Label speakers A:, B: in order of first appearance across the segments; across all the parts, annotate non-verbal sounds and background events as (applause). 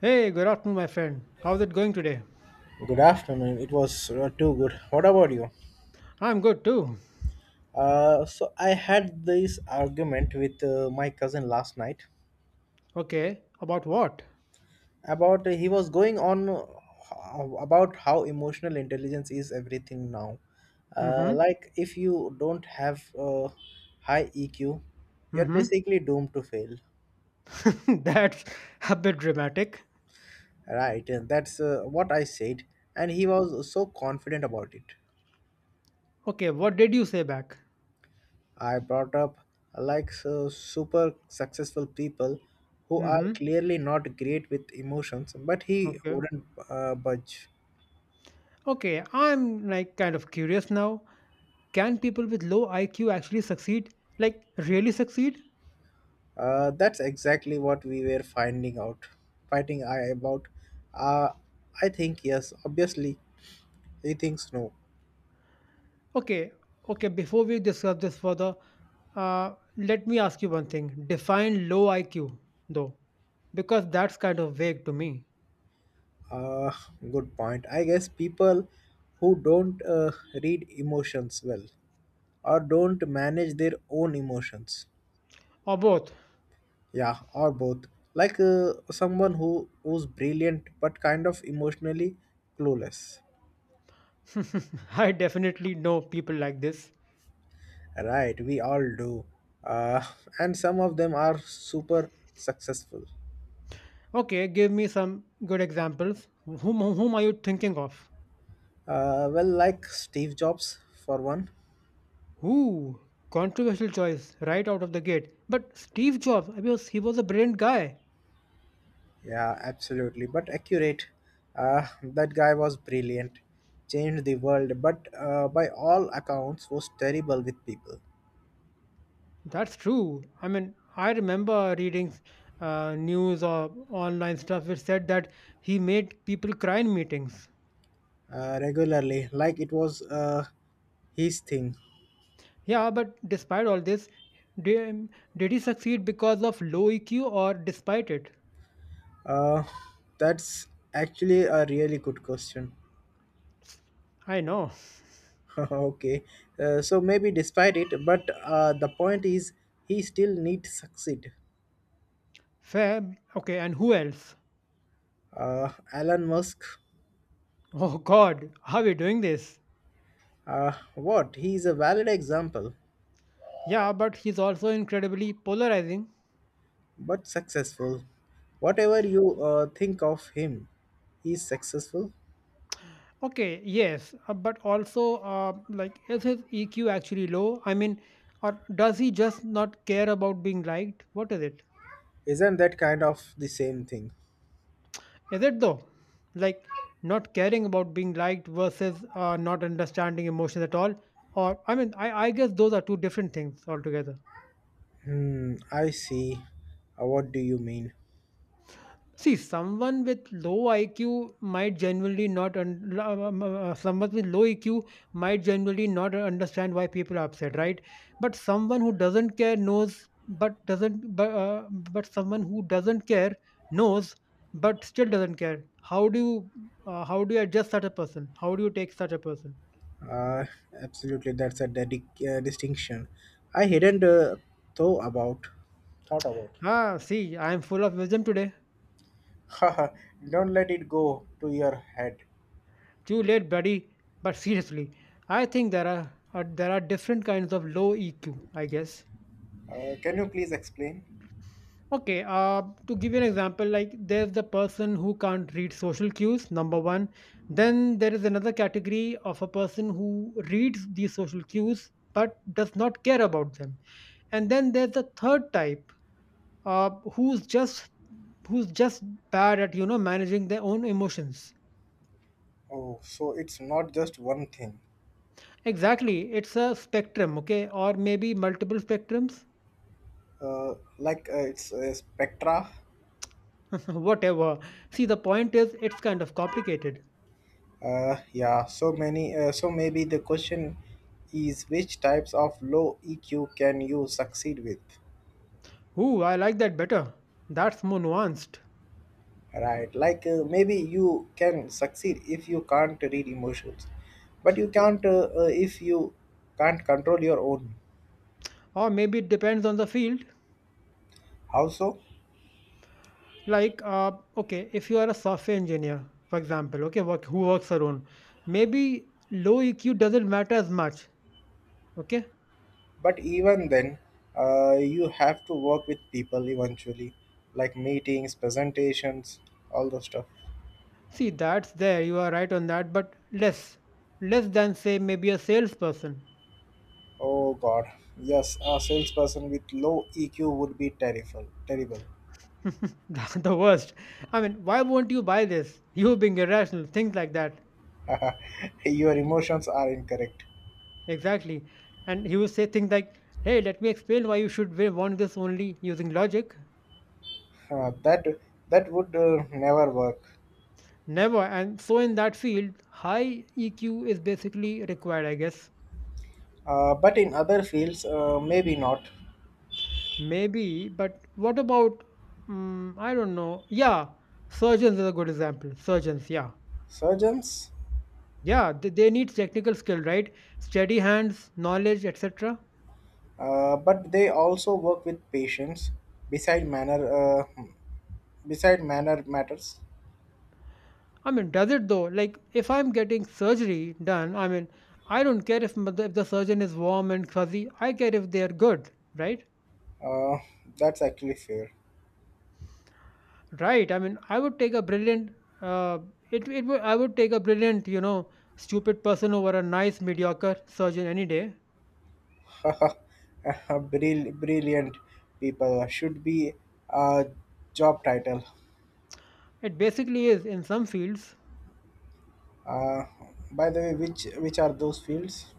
A: Hey, good afternoon, my friend. How's it going today?
B: Good afternoon. It was too good. What about you?
A: I'm good too.
B: So I had this argument with my cousin last night
A: Okay, about what?
B: about he was going on about how emotional intelligence is everything now.
A: Mm-hmm.
B: Like if you don't have high EQ, you're
A: Mm-hmm.
B: basically doomed to fail.
A: (laughs) That's a bit dramatic.
B: Right, and that's what I said, and he was so confident about it.
A: Okay, what did you say back?
B: I brought up like so super successful people who are
A: Mm-hmm.
B: clearly not great with emotions, but he
A: Okay.
B: wouldn't budge.
A: Okay, I'm like kind of curious now. Can people with low IQ actually succeed? Like really succeed?
B: That's exactly what we were finding out, fighting I about. Uh, I think yes, obviously he thinks no.
A: Okay, okay, before we discuss this further, let me ask you one thing. Define low IQ though, because that's kind of vague to me.
B: Uh, Good point. I guess people who don't read emotions well or don't manage their own emotions.
A: Or both.
B: Yeah, or both. Like someone who's brilliant but kind of emotionally clueless.
A: (laughs) I definitely know people like this.
B: Right, we all do. Uh, (laughs) and some of them are super successful.
A: Okay, give me some good examples. Whom are you thinking of?
B: Well, like Steve Jobs for one.
A: Who, controversial choice right out of the gate. But Steve Jobs, I mean, he was a brilliant guy.
B: Yeah, absolutely. But accurate. That guy was brilliant, changed the world, but by all accounts was terrible with people.
A: That's true. I mean, I remember reading news or online stuff which said that he made people cry in meetings.
B: Regularly, like it was his thing.
A: Yeah, but despite all this, did, did he succeed because of low EQ or despite it?
B: Uh, that's actually a really good question.
A: I know.
B: (laughs) Okay, so maybe despite it, but the point is he still need to succeed.
A: Fab. Okay, and who else?
B: Elon Musk,
A: Oh god, how are we doing this?
B: what? He is a valid example,
A: Yeah, but he's also incredibly polarizing.
B: but successful. Whatever you think of him, he's successful.
A: Okay, yes, but also, like, is his EQ actually low? I mean, or does he just not care about being liked? What is it?
B: Isn't that kind of the same thing?
A: Is it though? Like, not caring about being liked versus not understanding emotions at all? Or, I mean, I guess those are two different things altogether.
B: Hmm, I see. What do you mean?
A: See, someone with low IQ might genuinely not, un- la- someone with low EQ might genuinely not understand why people are upset, right? But someone who doesn't care knows, but doesn't, but someone who doesn't care knows, but still doesn't care. How do you adjust such a person? How do you take such a person?
B: Uh, Absolutely, that's a distinction. I hadn't thought about. Thought about.
A: Ah, see, I am full of wisdom today.
B: (laughs) Haha, don't let it go to your head.
A: Too late, buddy. But seriously, I think there are there are different kinds of low EQ, I guess.
B: Can you please explain?
A: Okay, to give you an example, like there's the person who can't read social cues, number one. Then there is another category of a person who reads these social cues but does not care about them. And then there's the third type, uh, who's just who's just bad at managing their own emotions.
B: Oh, so it's not just one thing.
A: Exactly, it's a spectrum. Okay, or maybe multiple spectrums,
B: It's a spectra.
A: (laughs) whatever. See, the point is, it's kind of complicated.
B: Yeah, so many. So maybe the question is which types of low EQ can you succeed with?
A: Ooh, I like that better. That's more nuanced.
B: Right, like maybe you can succeed if you can't read emotions, but you can't if you can't control your own.
A: Or maybe it depends on the field,
B: How so?
A: like okay, if you are a software engineer for example, okay, work, who works alone, maybe low EQ doesn't matter as much, okay.
B: But even then, you have to work with people eventually, like meetings, presentations, all the stuff.
A: See, that's there you are right on that, but less, less than say maybe a salesperson.
B: Oh God, yes, a salesperson with low EQ would be terrible. Terrible.
A: (laughs) That's the worst. I mean, why won't you buy this? You being irrational, things like that.
B: (laughs) Your emotions are incorrect.
A: Exactly. And he will say things like, hey, let me explain why you should want this only using logic.
B: Uh, that that would never work.
A: Never. And so in that field, high EQ is basically required, I guess.
B: But in other fields, maybe not.
A: Maybe, but what about, mm, I don't know. Yeah, surgeons is a good example. Surgeons, yeah.
B: Surgeons,
A: Yeah, they need technical skill, right? Steady hands, knowledge, etc.
B: but they also work with patients. Beside manner, beside manner matters.
A: I mean, does it though? Like, if I'm getting surgery done, I mean, I don't care if, if the surgeon is warm and fuzzy. I care if they're good, right?
B: Uh, that's actually fair.
A: Right. I mean, I would take a brilliant. Uh, I would take a brilliant, stupid person over a nice mediocre surgeon any day.
B: (laughs) Brilliant people should be a job title.
A: It basically is in some fields.
B: Uh, by the way, which are those fields?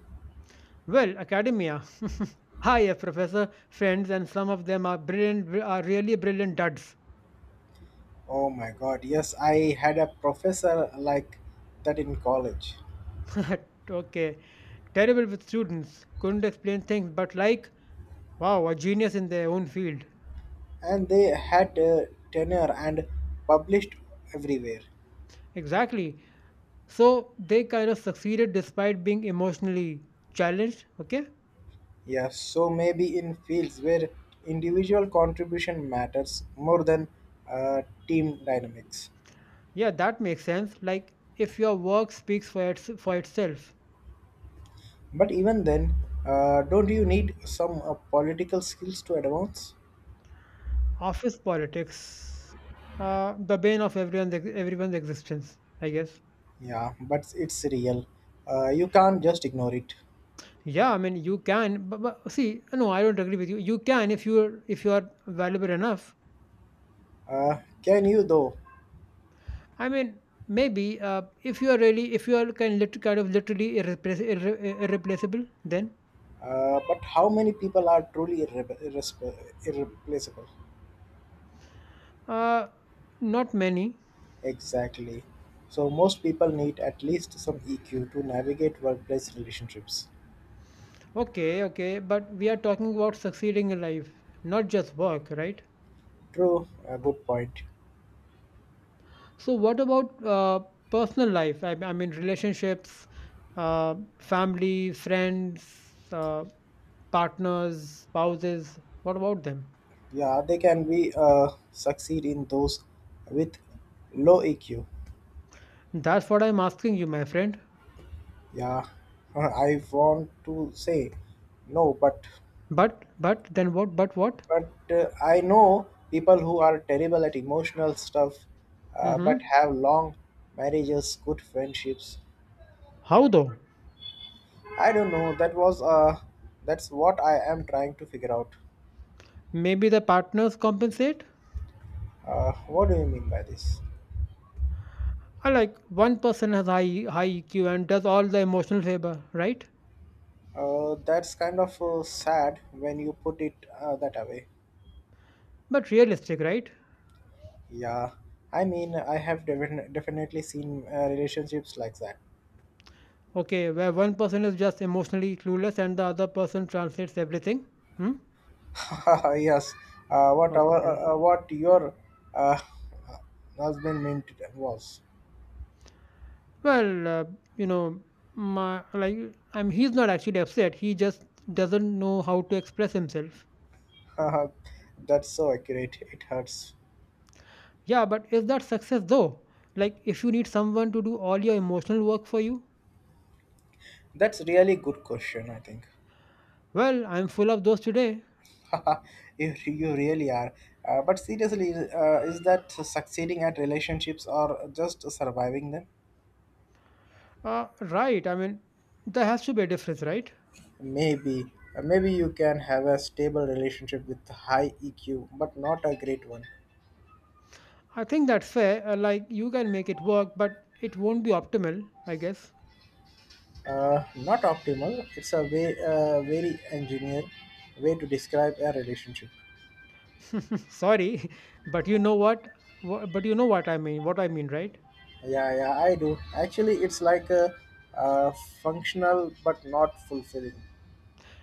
A: Well, academia. (laughs) Hi, a professor friends, and some of them are really brilliant duds.
B: Oh my God! Yes, I had a professor like that in college.
A: (laughs) Okay, terrible with students, couldn't explain things, but like, wow, a genius in their own field.
B: And they had a tenure and published everywhere.
A: Exactly. So they kind of succeeded despite being emotionally challenged. Okay.
B: Yeah, so maybe in fields where individual contribution matters more than uh, team dynamics.
A: Yeah, that makes sense. Like if your work speaks for for itself,
B: But even then, don't you need some political skills to advance?
A: office politics, the bane of everyone's existence, I guess.
B: Yeah, but it's real. You can't just ignore it.
A: Yeah, I mean you can, but see, no, I don't agree with you. You can if you're if you are valuable enough.
B: Uh, can you though?
A: I mean maybe if you are really if you are kind of literally irreplaceable, then
B: But how many people are truly irreplaceable?
A: uh, not many.
B: Exactly. So most people need at least some EQ to navigate workplace relationships.
A: Okay, okay, but we are talking about succeeding in life, not just work, right?
B: True, a good point.
A: So, what about personal life? I mean, relationships, family, friends, uh, partners, spouses. What about them?
B: Yeah, they can be succeed in those with low EQ.
A: That's what I'm asking you, my friend.
B: Yeah, (laughs) I want to say no, but
A: But then what? But what?
B: I know people who are terrible at emotional stuff, but
A: Mm-hmm.
B: have long marriages, good friendships.
A: How though?
B: I don't know. That was that's what I am trying to figure out.
A: Maybe the partners compensate.
B: What do you mean by this?
A: Or like one person has high EQ and does all the emotional labor, right?
B: That's kind of sad when you put it that way.
A: But realistic, right?
B: Yeah, I mean, I have definitely seen relationships like that.
A: Okay, where one person is just emotionally clueless and the other person translates everything. Hmm?
B: (laughs) Yes,
A: Okay.
B: what your uh, husband meant was.
A: Well, you know, my like I'm he's not actually upset. He just doesn't know how to express himself.
B: (laughs) That's so accurate. It hurts.
A: Yeah, but is that success though? Like if you need someone to do all your emotional work for you?
B: That's really good question. I think
A: Well, I'm full of those today.
B: (laughs) you really are. But seriously, is that succeeding at relationships or just surviving them?
A: Right. I mean, there has to be a difference, right?
B: Maybe, maybe you can have a stable relationship with high EQ, but not a great one.
A: I think that's fair. Like you can make it work, but it won't be optimal, I guess.
B: Not optimal. It's a way, very engineer way to describe a relationship.
A: (laughs) Sorry, (laughs) but you know what? What I mean, right?
B: Yeah, yeah, I do. Actually, it's like a, uh functional but not fulfilling.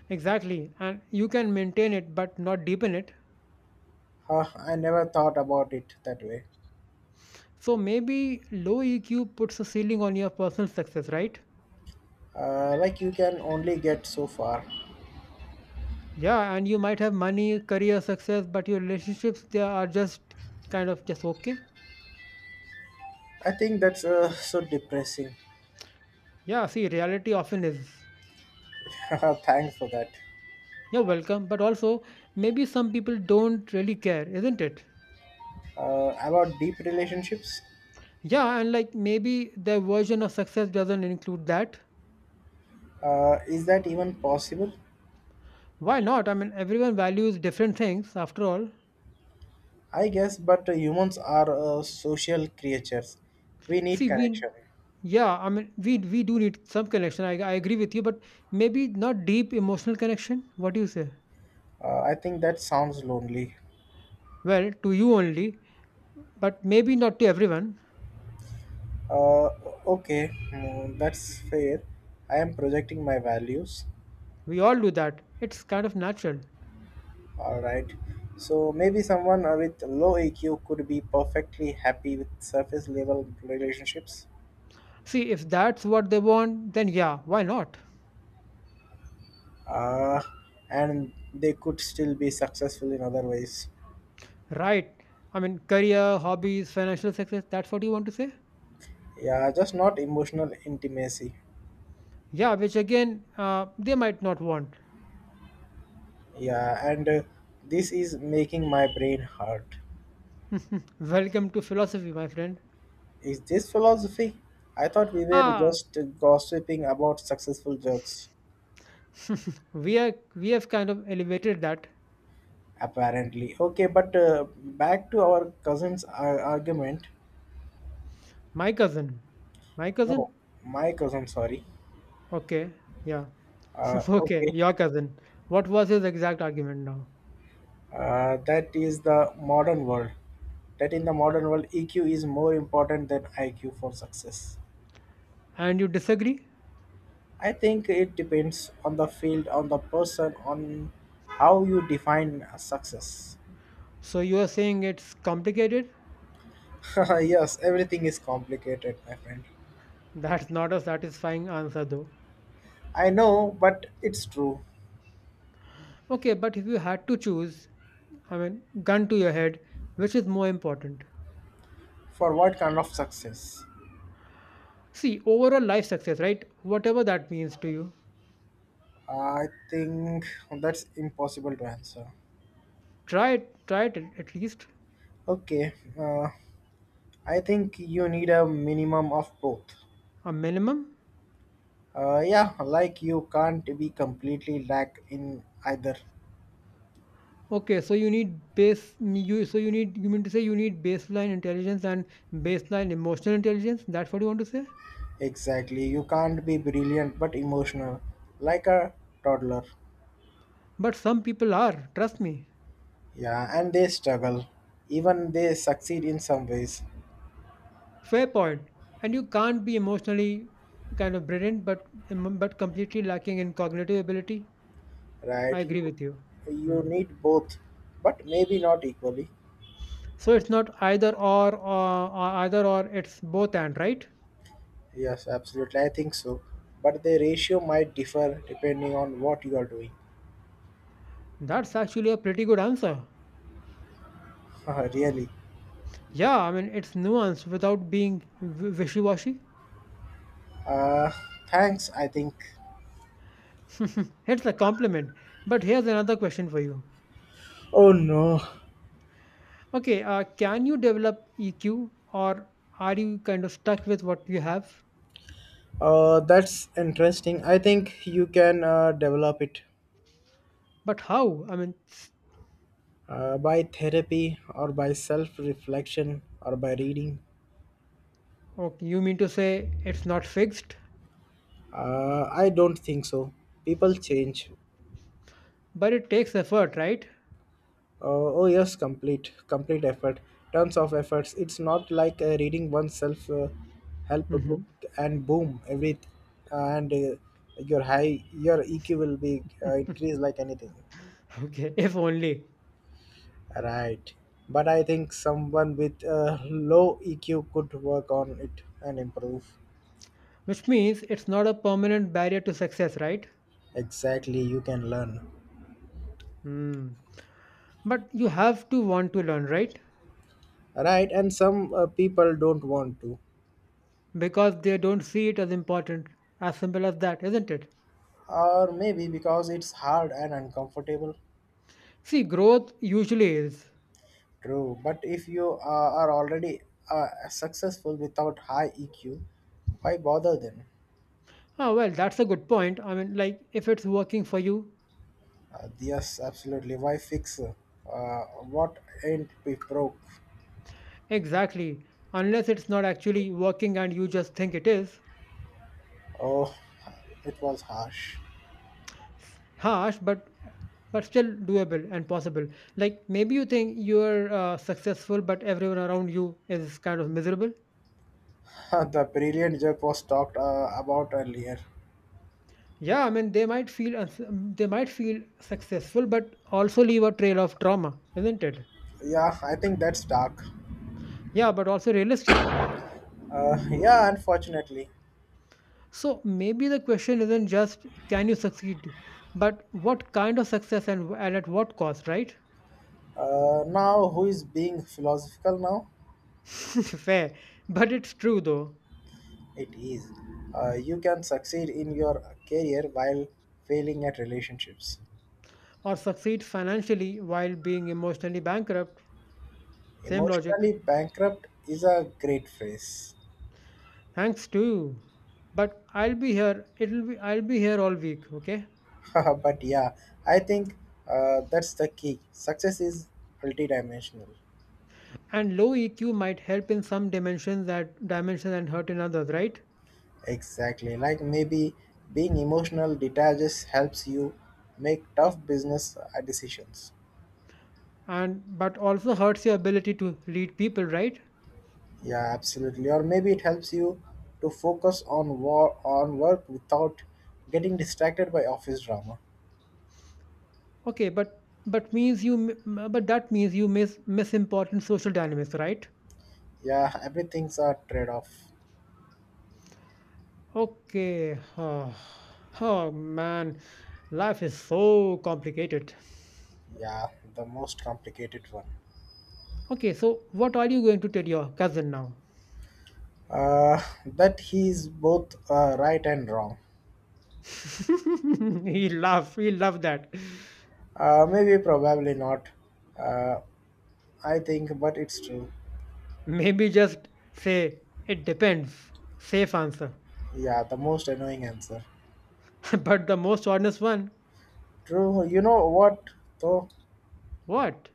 A: Exactly. And you can maintain it, but not deepen it.
B: Huh, I never thought about it that way.
A: So maybe low EQ puts a ceiling on your personal success, right?
B: Like you can only get so far.
A: Yeah, and you might have money, career success, but your relationships they are just kind of just okay.
B: I think that's so depressing.
A: Yeah, see, reality often is.
B: (laughs) Thanks for that.
A: You're welcome, but also maybe some people don't really care, isn't it?
B: About deep relationships.
A: Yeah, and like maybe their version of success doesn't include that.
B: Is that even possible?
A: Why not? I mean, everyone values different things after all.
B: I guess, but humans are social creatures. We need
A: See, we.
B: connection.
A: Yeah, I mean, we do need some connection. I agree with you, but maybe not deep emotional connection. What do you say?
B: I think that sounds lonely.
A: Well, to you only, but maybe not to everyone.
B: Uh, okay, mm, that's fair. I am projecting my values.
A: We all do that. It's kind of natural.
B: Alright. So maybe someone with low EQ could be perfectly happy with surface level relationships.
A: See, if that's what they want, then yeah, why not?
B: Uh, and they could still be successful in other ways.
A: Right. I mean, career, hobbies, financial success, that's what you want to say?
B: Yeah, just not emotional intimacy.
A: Yeah, which again, they might not want.
B: Yeah, and this is making my brain hurt.
A: (laughs) Welcome to philosophy, my friend.
B: Is this philosophy? I thought we were
A: Ah,
B: just gossiping about successful jerks,
A: (laughs) we have kind of elevated that.
B: apparently. Okay, but back to our cousin's argument.
A: My cousin, my cousin.
B: No, my cousin, sorry.
A: Okay, yeah.
B: Uh,
A: (laughs) Okay,
B: okay,
A: your cousin. What was his exact argument now?
B: that is the modern world. That in the modern world, EQ is more important than IQ for success.
A: And you disagree?
B: I think it depends on the field, on the person, on how you define success.
A: So you are saying it's complicated?
B: (laughs) Yes, everything is complicated, my friend.
A: (laughs) That's not a satisfying answer, though.
B: I know, but it's true.
A: Okay, but if you had to choose, I mean, gun to your head, which is more important?
B: For what kind of success?
A: See, overall life success, right? Whatever that means to you,
B: I think that's impossible to answer.
A: try it at least
B: Okay, uh, I think you need a minimum of both.
A: a minimum.
B: Yeah, like you can't be completely lack in either.
A: Okay, so you need you mean to say you need baseline intelligence and baseline emotional intelligence? That's what you want to say?
B: Exactly. You can't be brilliant but emotional, like a toddler.
A: But some people are, trust me.
B: Yeah, and they struggle. Even they succeed in some ways,
A: Fair point. And you can't be emotionally kind of brilliant, but completely lacking in cognitive ability. I
B: right?
A: agree
B: You
A: with you.
B: you
A: Hmm.
B: need both, but maybe not equally.
A: So it's not either or. It's both and, right?
B: Yes, absolutely. I think so. But the ratio might differ depending on what you are doing.
A: That's actually a pretty good answer.
B: (laughs) Really.
A: Yeah, I mean it's nuanced without being wishy-washy.
B: Uh, Thanks, I think.
A: (laughs) It's a compliment. But here's another question for you.
B: Oh no.
A: Okay, can you develop EQ, or are you kind of stuck with what you have?
B: That's interesting. I think you can develop it.
A: But how?
B: By therapy or by self reflection or by reading?
A: Okay, you mean to say it's not fixed?
B: I don't think so. People change.
A: But it takes effort, right?
B: Oh, yes, complete effort, tons of efforts. It's not like reading oneself help book
A: Hmm.
B: and boom, every and your high your EQ will be increased like anything.
A: (laughs) Okay, if only.
B: Right. But I think someone with low EQ could work on it and improve.
A: Which means it's not a permanent barrier to success, right?
B: Exactly, you can learn.
A: Hmm. But you have to want to learn, right?
B: Right, and some people don't want to,
A: Because they don't see it as important. As simple as that, isn't it?
B: or maybe because it's hard and uncomfortable.
A: See, growth usually is.
B: True, but if you are already successful without high EQ, why bother then?
A: Oh, well, that's a good point. I mean, like, if it's working for you,
B: Yes, absolutely, why fix uh, what ain't be broke.
A: exactly. Unless it's not actually working and you just think it is,
B: Oh, it was harsh.
A: harsh but still doable and possible, like maybe you think you're successful but everyone around you is kind of miserable.
B: (laughs) The brilliant joke was talked about earlier.
A: Yeah, I mean they might feel successful but also leave a trail of trauma, isn't it?
B: Yeah, I think that's dark.
A: Yeah but also realistic.
B: Yeah, unfortunately.
A: So maybe the question isn't just can you succeed but what kind of success and at what cost, right?
B: Now who is being philosophical now?
A: (laughs) Fair, but it's true though.
B: It is. You can succeed in your career while failing at relationships.
A: Or succeed financially while being emotionally bankrupt, same logic.
B: Emotionally bankrupt is a great phrase.
A: Thanks to you. But I'll be here. It'll be I'll be here all week, okay?
B: (laughs) But yeah, I think that's the key. Success is multidimensional.
A: And low EQ might help in some dimensions and hurt in others, right?
B: Exactly. Like maybe being emotional detaches helps you make tough business decisions.
A: And but also hurts your ability to lead people, right?
B: Yeah, absolutely. Or maybe it helps you to focus on war on work without getting distracted by office drama.
A: Okay, but that means you miss important social dynamics, right?
B: Yeah, everything's a trade off.
A: Okay. Oh, oh man, life is so complicated.
B: Yeah, the most complicated one.
A: Okay, so what are you going to tell your cousin now?
B: That he's both right and wrong.
A: (laughs) He love that.
B: Maybe, probably not. Uh, I think, but it's true.
A: Maybe just say it depends. Safe answer.
B: Yeah, the most annoying answer.
A: (laughs) But the most honest one,
B: True. You know what, though?
A: what?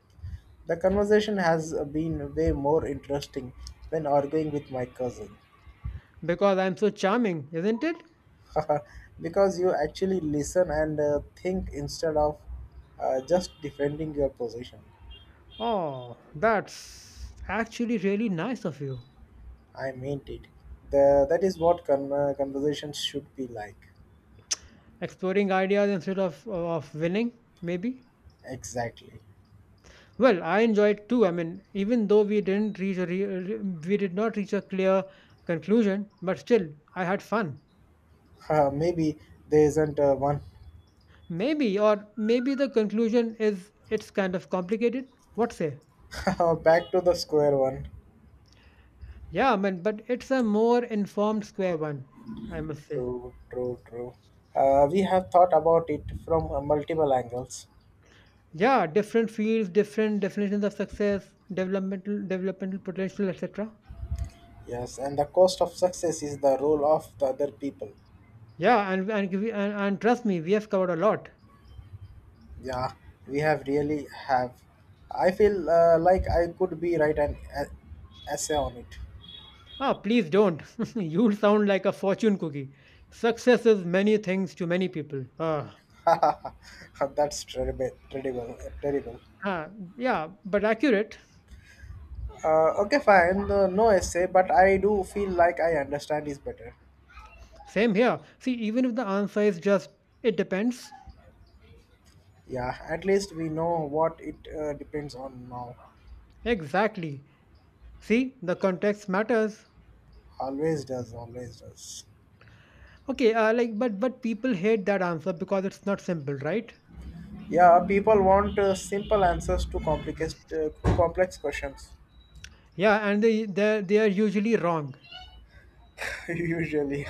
B: The conversation has been way more interesting when arguing with my cousin.
A: Because I'm so charming, isn't it?
B: (laughs) Because you actually listen and think instead of just defending your position.
A: Oh, that's actually really nice of you.
B: I meant it. That is what conversations should be like.
A: Exploring ideas instead of winning, maybe.
B: Exactly.
A: Well, I enjoyed too. I mean, even though we didn't reach a we did not reach a clear conclusion, but still I had fun.
B: Maybe there isn't one.
A: Maybe or maybe the conclusion is it's kind of complicated. What say?
B: (laughs) Back to the square one.
A: Yeah, I mean, but it's a more informed square one, I must say.
B: True, true, true. We have thought about it from multiple angles.
A: Yeah, different fields, different definitions of success, developmental potential, etc.
B: Yes, and the cost of success is the role of the other people.
A: Yeah, and, give- and trust me, we have covered a lot.
B: Yeah, we have really have. I feel like I could be write an essay on it.
A: Ah, please don't. (laughs) You'll sound like a fortune cookie. Success is many things to many people.
B: (laughs) That's terrible, terrible, terrible.
A: Ah, yeah, but accurate.
B: Okay, fine. No essay, but I do feel like I understand is better.
A: Same here. See, even if the answer is just it depends.
B: Yeah, at least we know what it depends on now.
A: Exactly. See, the context matters.
B: Always does, always does.
A: Okay, like but people hate that answer because it's not simple, right?
B: Yeah, people want simple answers to complicated, complex questions.
A: Yeah, and they are usually wrong.
B: (laughs) Usually,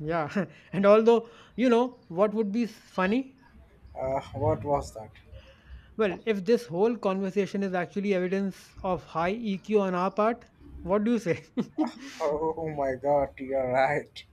A: Yeah, (laughs) and although you know what would be funny,
B: what was that?
A: well, if this whole conversation is actually evidence of high EQ on our part, what do you say?
B: Oh my God, you're right.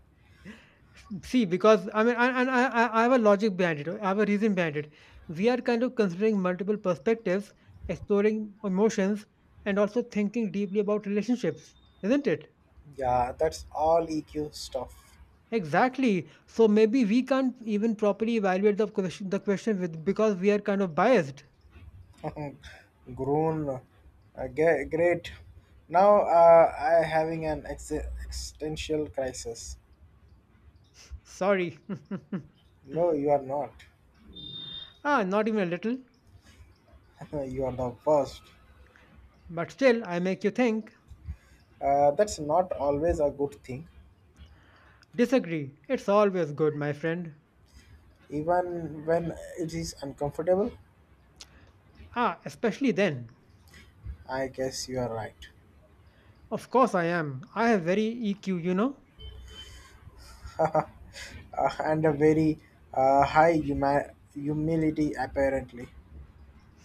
A: (laughs) See, because I mean, and I have a logic behind it. I have a reason behind it. We are kind of considering multiple perspectives, exploring emotions, and also thinking deeply about relationships, isn't it?
B: Yeah, that's all EQ stuff.
A: Exactly. So maybe we can't even properly evaluate the question with because we are kind of biased.
B: (laughs) Grown, great. Now I having an existential crisis.
A: Sorry.
B: No, you are not.
A: (laughs) ah, not even a little.
B: (laughs) You are the first.
A: But still, I make you think.
B: That's not always a good thing,
A: Disagree. It's always good, my friend.
B: even when it is uncomfortable.
A: Ah, especially then.
B: I guess you are right.
A: Of course I am. I have very EQ, you know.
B: (laughs) uh, and a very high humility apparently.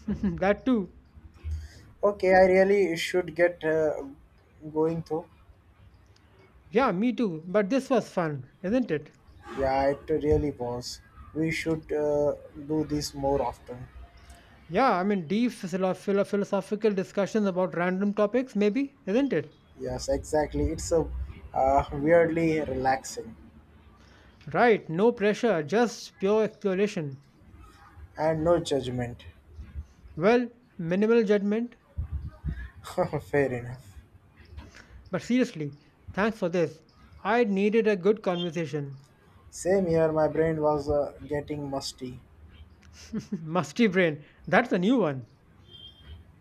A: (laughs) that too.
B: Okay, I really should get going though.
A: Yeah, me too. But this was fun, isn't it?
B: Yeah, it really was. We should do this more often.
A: Yeah, I mean, deep philosophical discussions about random topics, maybe, isn't it?
B: Yes, exactly. It's a weirdly relaxing
A: Right, no pressure, just pure exploration.
B: and no judgment.
A: Well, minimal judgment,
B: (laughs) Fair enough.
A: but seriously, thanks for this. I needed a good conversation.
B: Same here. My brain was getting musty.
A: (laughs) Musty brain, that's a new one.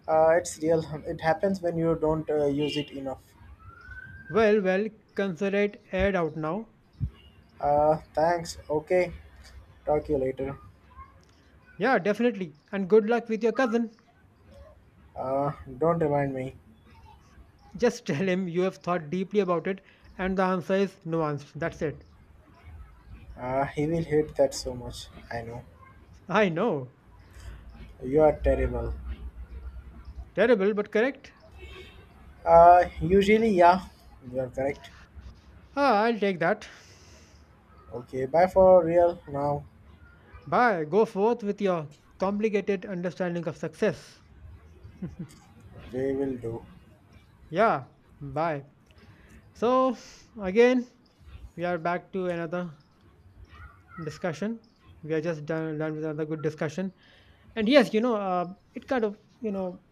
B: It's real. It happens when you don't use it enough.
A: Well, well, Consider it aired out now.
B: Thanks. Okay. Talk to you later.
A: Yeah, definitely. And good luck with your cousin.
B: Uh, don't remind me.
A: Just (laughs) tell him you have thought deeply about it and the answer is nuanced. That's it.
B: He will hate that so much. I know.
A: I know.
B: You are terrible.
A: Terrible, but correct.
B: Usually, yeah, you are correct.
A: Ah, I'll take that.
B: Okay, bye for real now.
A: Bye. Go forth with your complicated understanding of success.
B: We will do.
A: Yeah, bye. So again, we are back to another discussion. We are just done with another good discussion. And yes, it kind of,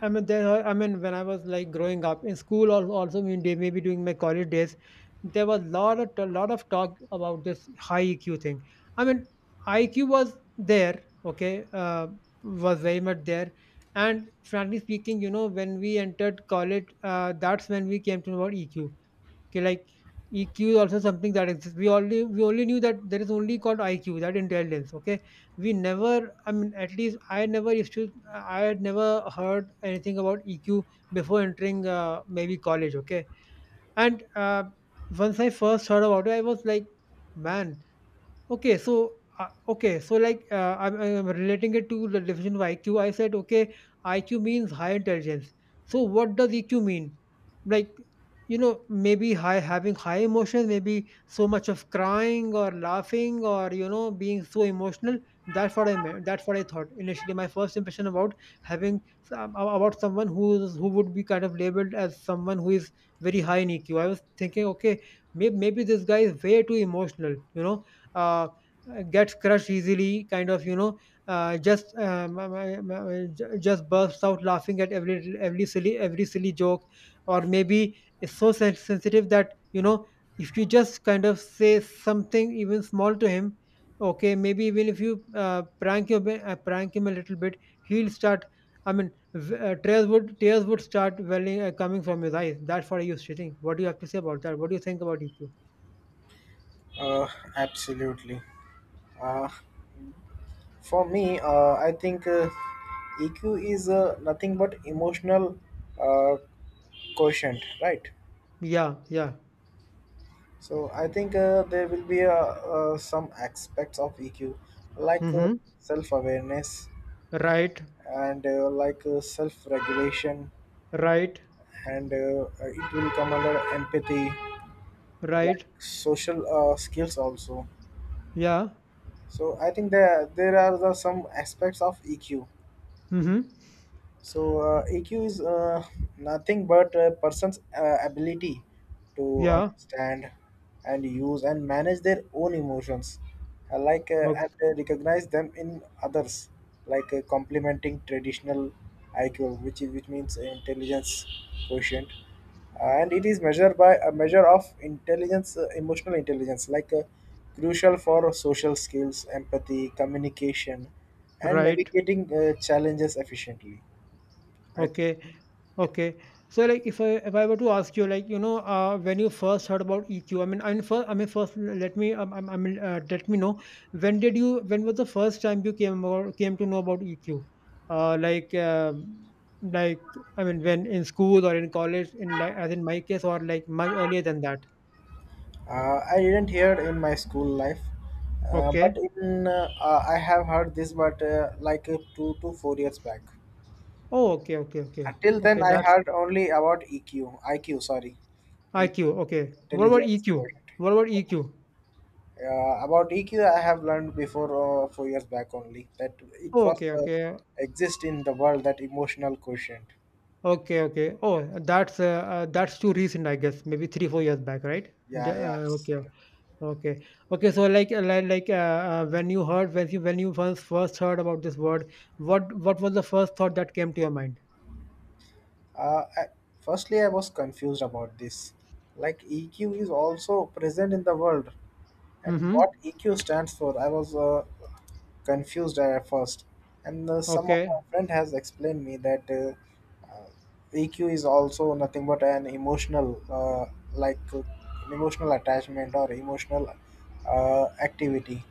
A: I mean, there. Are- I mean, when I was like growing up in school, or also mean day, maybe during my college days, there was lot of a lot of talk about this high EQ thing. I mean, IQ was there, was very much there. And frankly speaking, when we entered college, that's when we came to know about EQ. Okay, like EQ is also something that exists. We only knew that there is only called IQ, that intelligence. Okay, we never. I mean, at least I never used to. I had never heard anything about EQ before entering maybe college. Okay, and once I first heard about it, I was like, man. Okay, so I'm relating it to the definition of IQ. I said okay, IQ means high intelligence. So what does EQ mean? Like maybe high having high emotions, maybe so much of crying or laughing or being so emotional. That's what I meant. That's what I thought initially. My first impression about about someone who is who would be kind of labeled as someone who is very high in EQ. I was thinking okay, maybe this guy is way too emotional. Uh, gets crushed easily kind of uh, just um, um, um, just bursts out laughing at every silly joke, or maybe is so sensitive that if you just kind of say something even small to him, okay, maybe even if you prank him, prank him a little bit, he'll start, tears would start welling coming from his eyes. That's what I used to think. What do you have to say about that? What do you think about EQ?
B: Uh, Absolutely. Uh, for me, I think EQ is nothing but emotional uh, quotient, right?
A: Yeah
B: So I think there will be some aspects of EQ like
A: Mm-hmm.
B: self-awareness
A: Right.
B: and self-regulation,
A: Right,
B: and it will come under empathy, like
A: right.
B: social skills also.
A: Yeah.
B: So I think there are some aspects of EQ.
A: Mm-hmm.
B: So EQ is nothing but a person's ability to
A: Yeah.
B: understand and use and manage their own emotions, uh, like uh, and
A: Okay.
B: uh, recognize them in others, like complementing traditional IQ, which means intelligence quotient. And it is measured by a measure of intelligence, emotional intelligence, like crucial for social skills, empathy, communication, and
A: Right.
B: navigating challenges efficiently. I think
A: Okay. Okay. So like if I were to ask you, like, when you first heard about EQ, I mean first let me I mean let me know, when did you when was the first time you came to know about EQ, uh, like um like I mean, when? In school or in college, in like as in my case, or like much earlier than that?
B: I didn't hear in my school life,
A: Okay
B: but in I have heard this, but 2 to 4 years back.
A: Oh, okay okay okay
B: Until then,
A: okay
B: I
A: That's
B: heard only about EQ, IQ, sorry,
A: IQ, okay. What about
B: intelligence
A: EQ?
B: quotient.
A: What about EQ?
B: About EQ, I have learned before 4 years back only that it
A: Oh,
B: was
A: okay, okay.
B: exist in the world that emotional quotient.
A: Okay, okay. Oh, that's too recent, I guess. Maybe three, four years back, right?
B: Yeah, yeah,
A: Okay, okay, okay. So, like, when you heard, when you when you first heard about this word, what was the first thought that came to your mind?
B: I firstly, I was confused about this. Like EQ is also present in the world, and
A: Mm-hmm.
B: what EQ stands for, I was confused at first. And some of
A: Okay.
B: my friend has explained me that EQ is also nothing but an emotional, like uh, emotional attachment or emotional activity.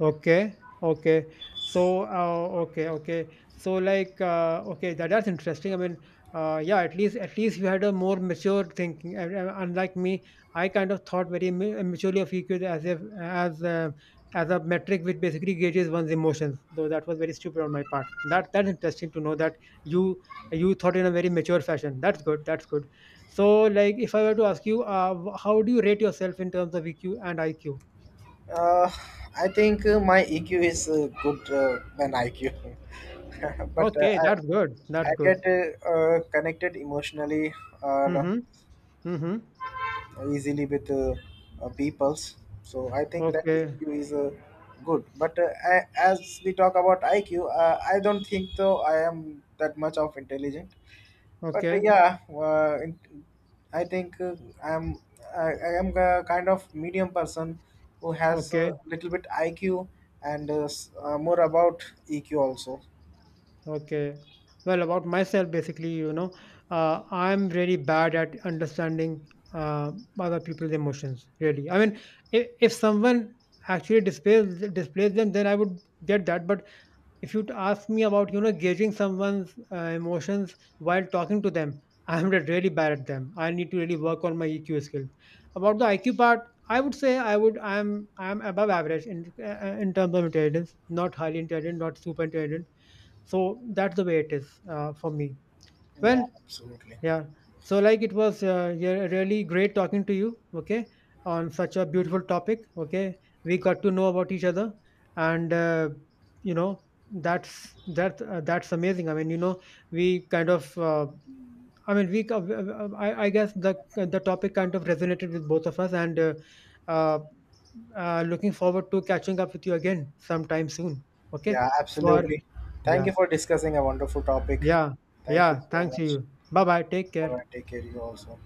A: Okay, okay. So, okay, that's interesting. I mean, yeah, at least you had a more mature thinking. Unlike me, I kind of thought very maturely of EQ as if as as a metric which basically gauges one's emotions. Though that was very stupid on my part. That that's interesting to know that you you thought in a very mature fashion. That's good. That's good. So, like, if I were to ask you, how do you rate yourself in terms of EQ and IQ?
B: Uh, I think my EQ is good than IQ, (laughs) but uh,
A: Okay,
B: I
A: that's good.
B: I
A: That's good.
B: get connected emotionally or
A: Mhm, mhm.
B: easily with peoples. So I think that
A: Okay,
B: EQ is good. But I, as we talk about IQ, I don't think though I am that much of intelligent. But uh,
A: okay,
B: yeah, uh, in, I think I'm I am a kind of medium person who has a
A: okay,
B: little bit IQ and more about EQ also.
A: okay. Well, about myself, basically, I'm really bad at understanding uh, other people's emotions. Really, I mean, if someone actually displays them, then I would get that. But if you'd ask me about, gauging someone's emotions while talking to them, I'm really bad at them. I need to really work on my EQ skills. About the IQ part, I would say I would I'm above average in terms of intelligence, not highly intelligent, not super intelligent. So that's the way it is for me.
B: Yeah,
A: Well,
B: absolutely.
A: yeah. So, like, it was yeah, really great talking to you, okay, on such a beautiful topic, okay. We got to know about each other, and uh, you know, that's that's amazing. I mean, we kind of, I guess the topic kind of resonated with both of us, and uh, looking forward to catching up with you again sometime soon, okay.
B: Yeah,
A: For
B: absolutely. Thank
A: yeah,
B: you for discussing a wonderful topic.
A: yeah,
B: Thank you
A: yeah.
B: so
A: Thanks to
B: much.
A: you. Bye bye. Take
B: Bye
A: care.
B: bye. Take care. You also.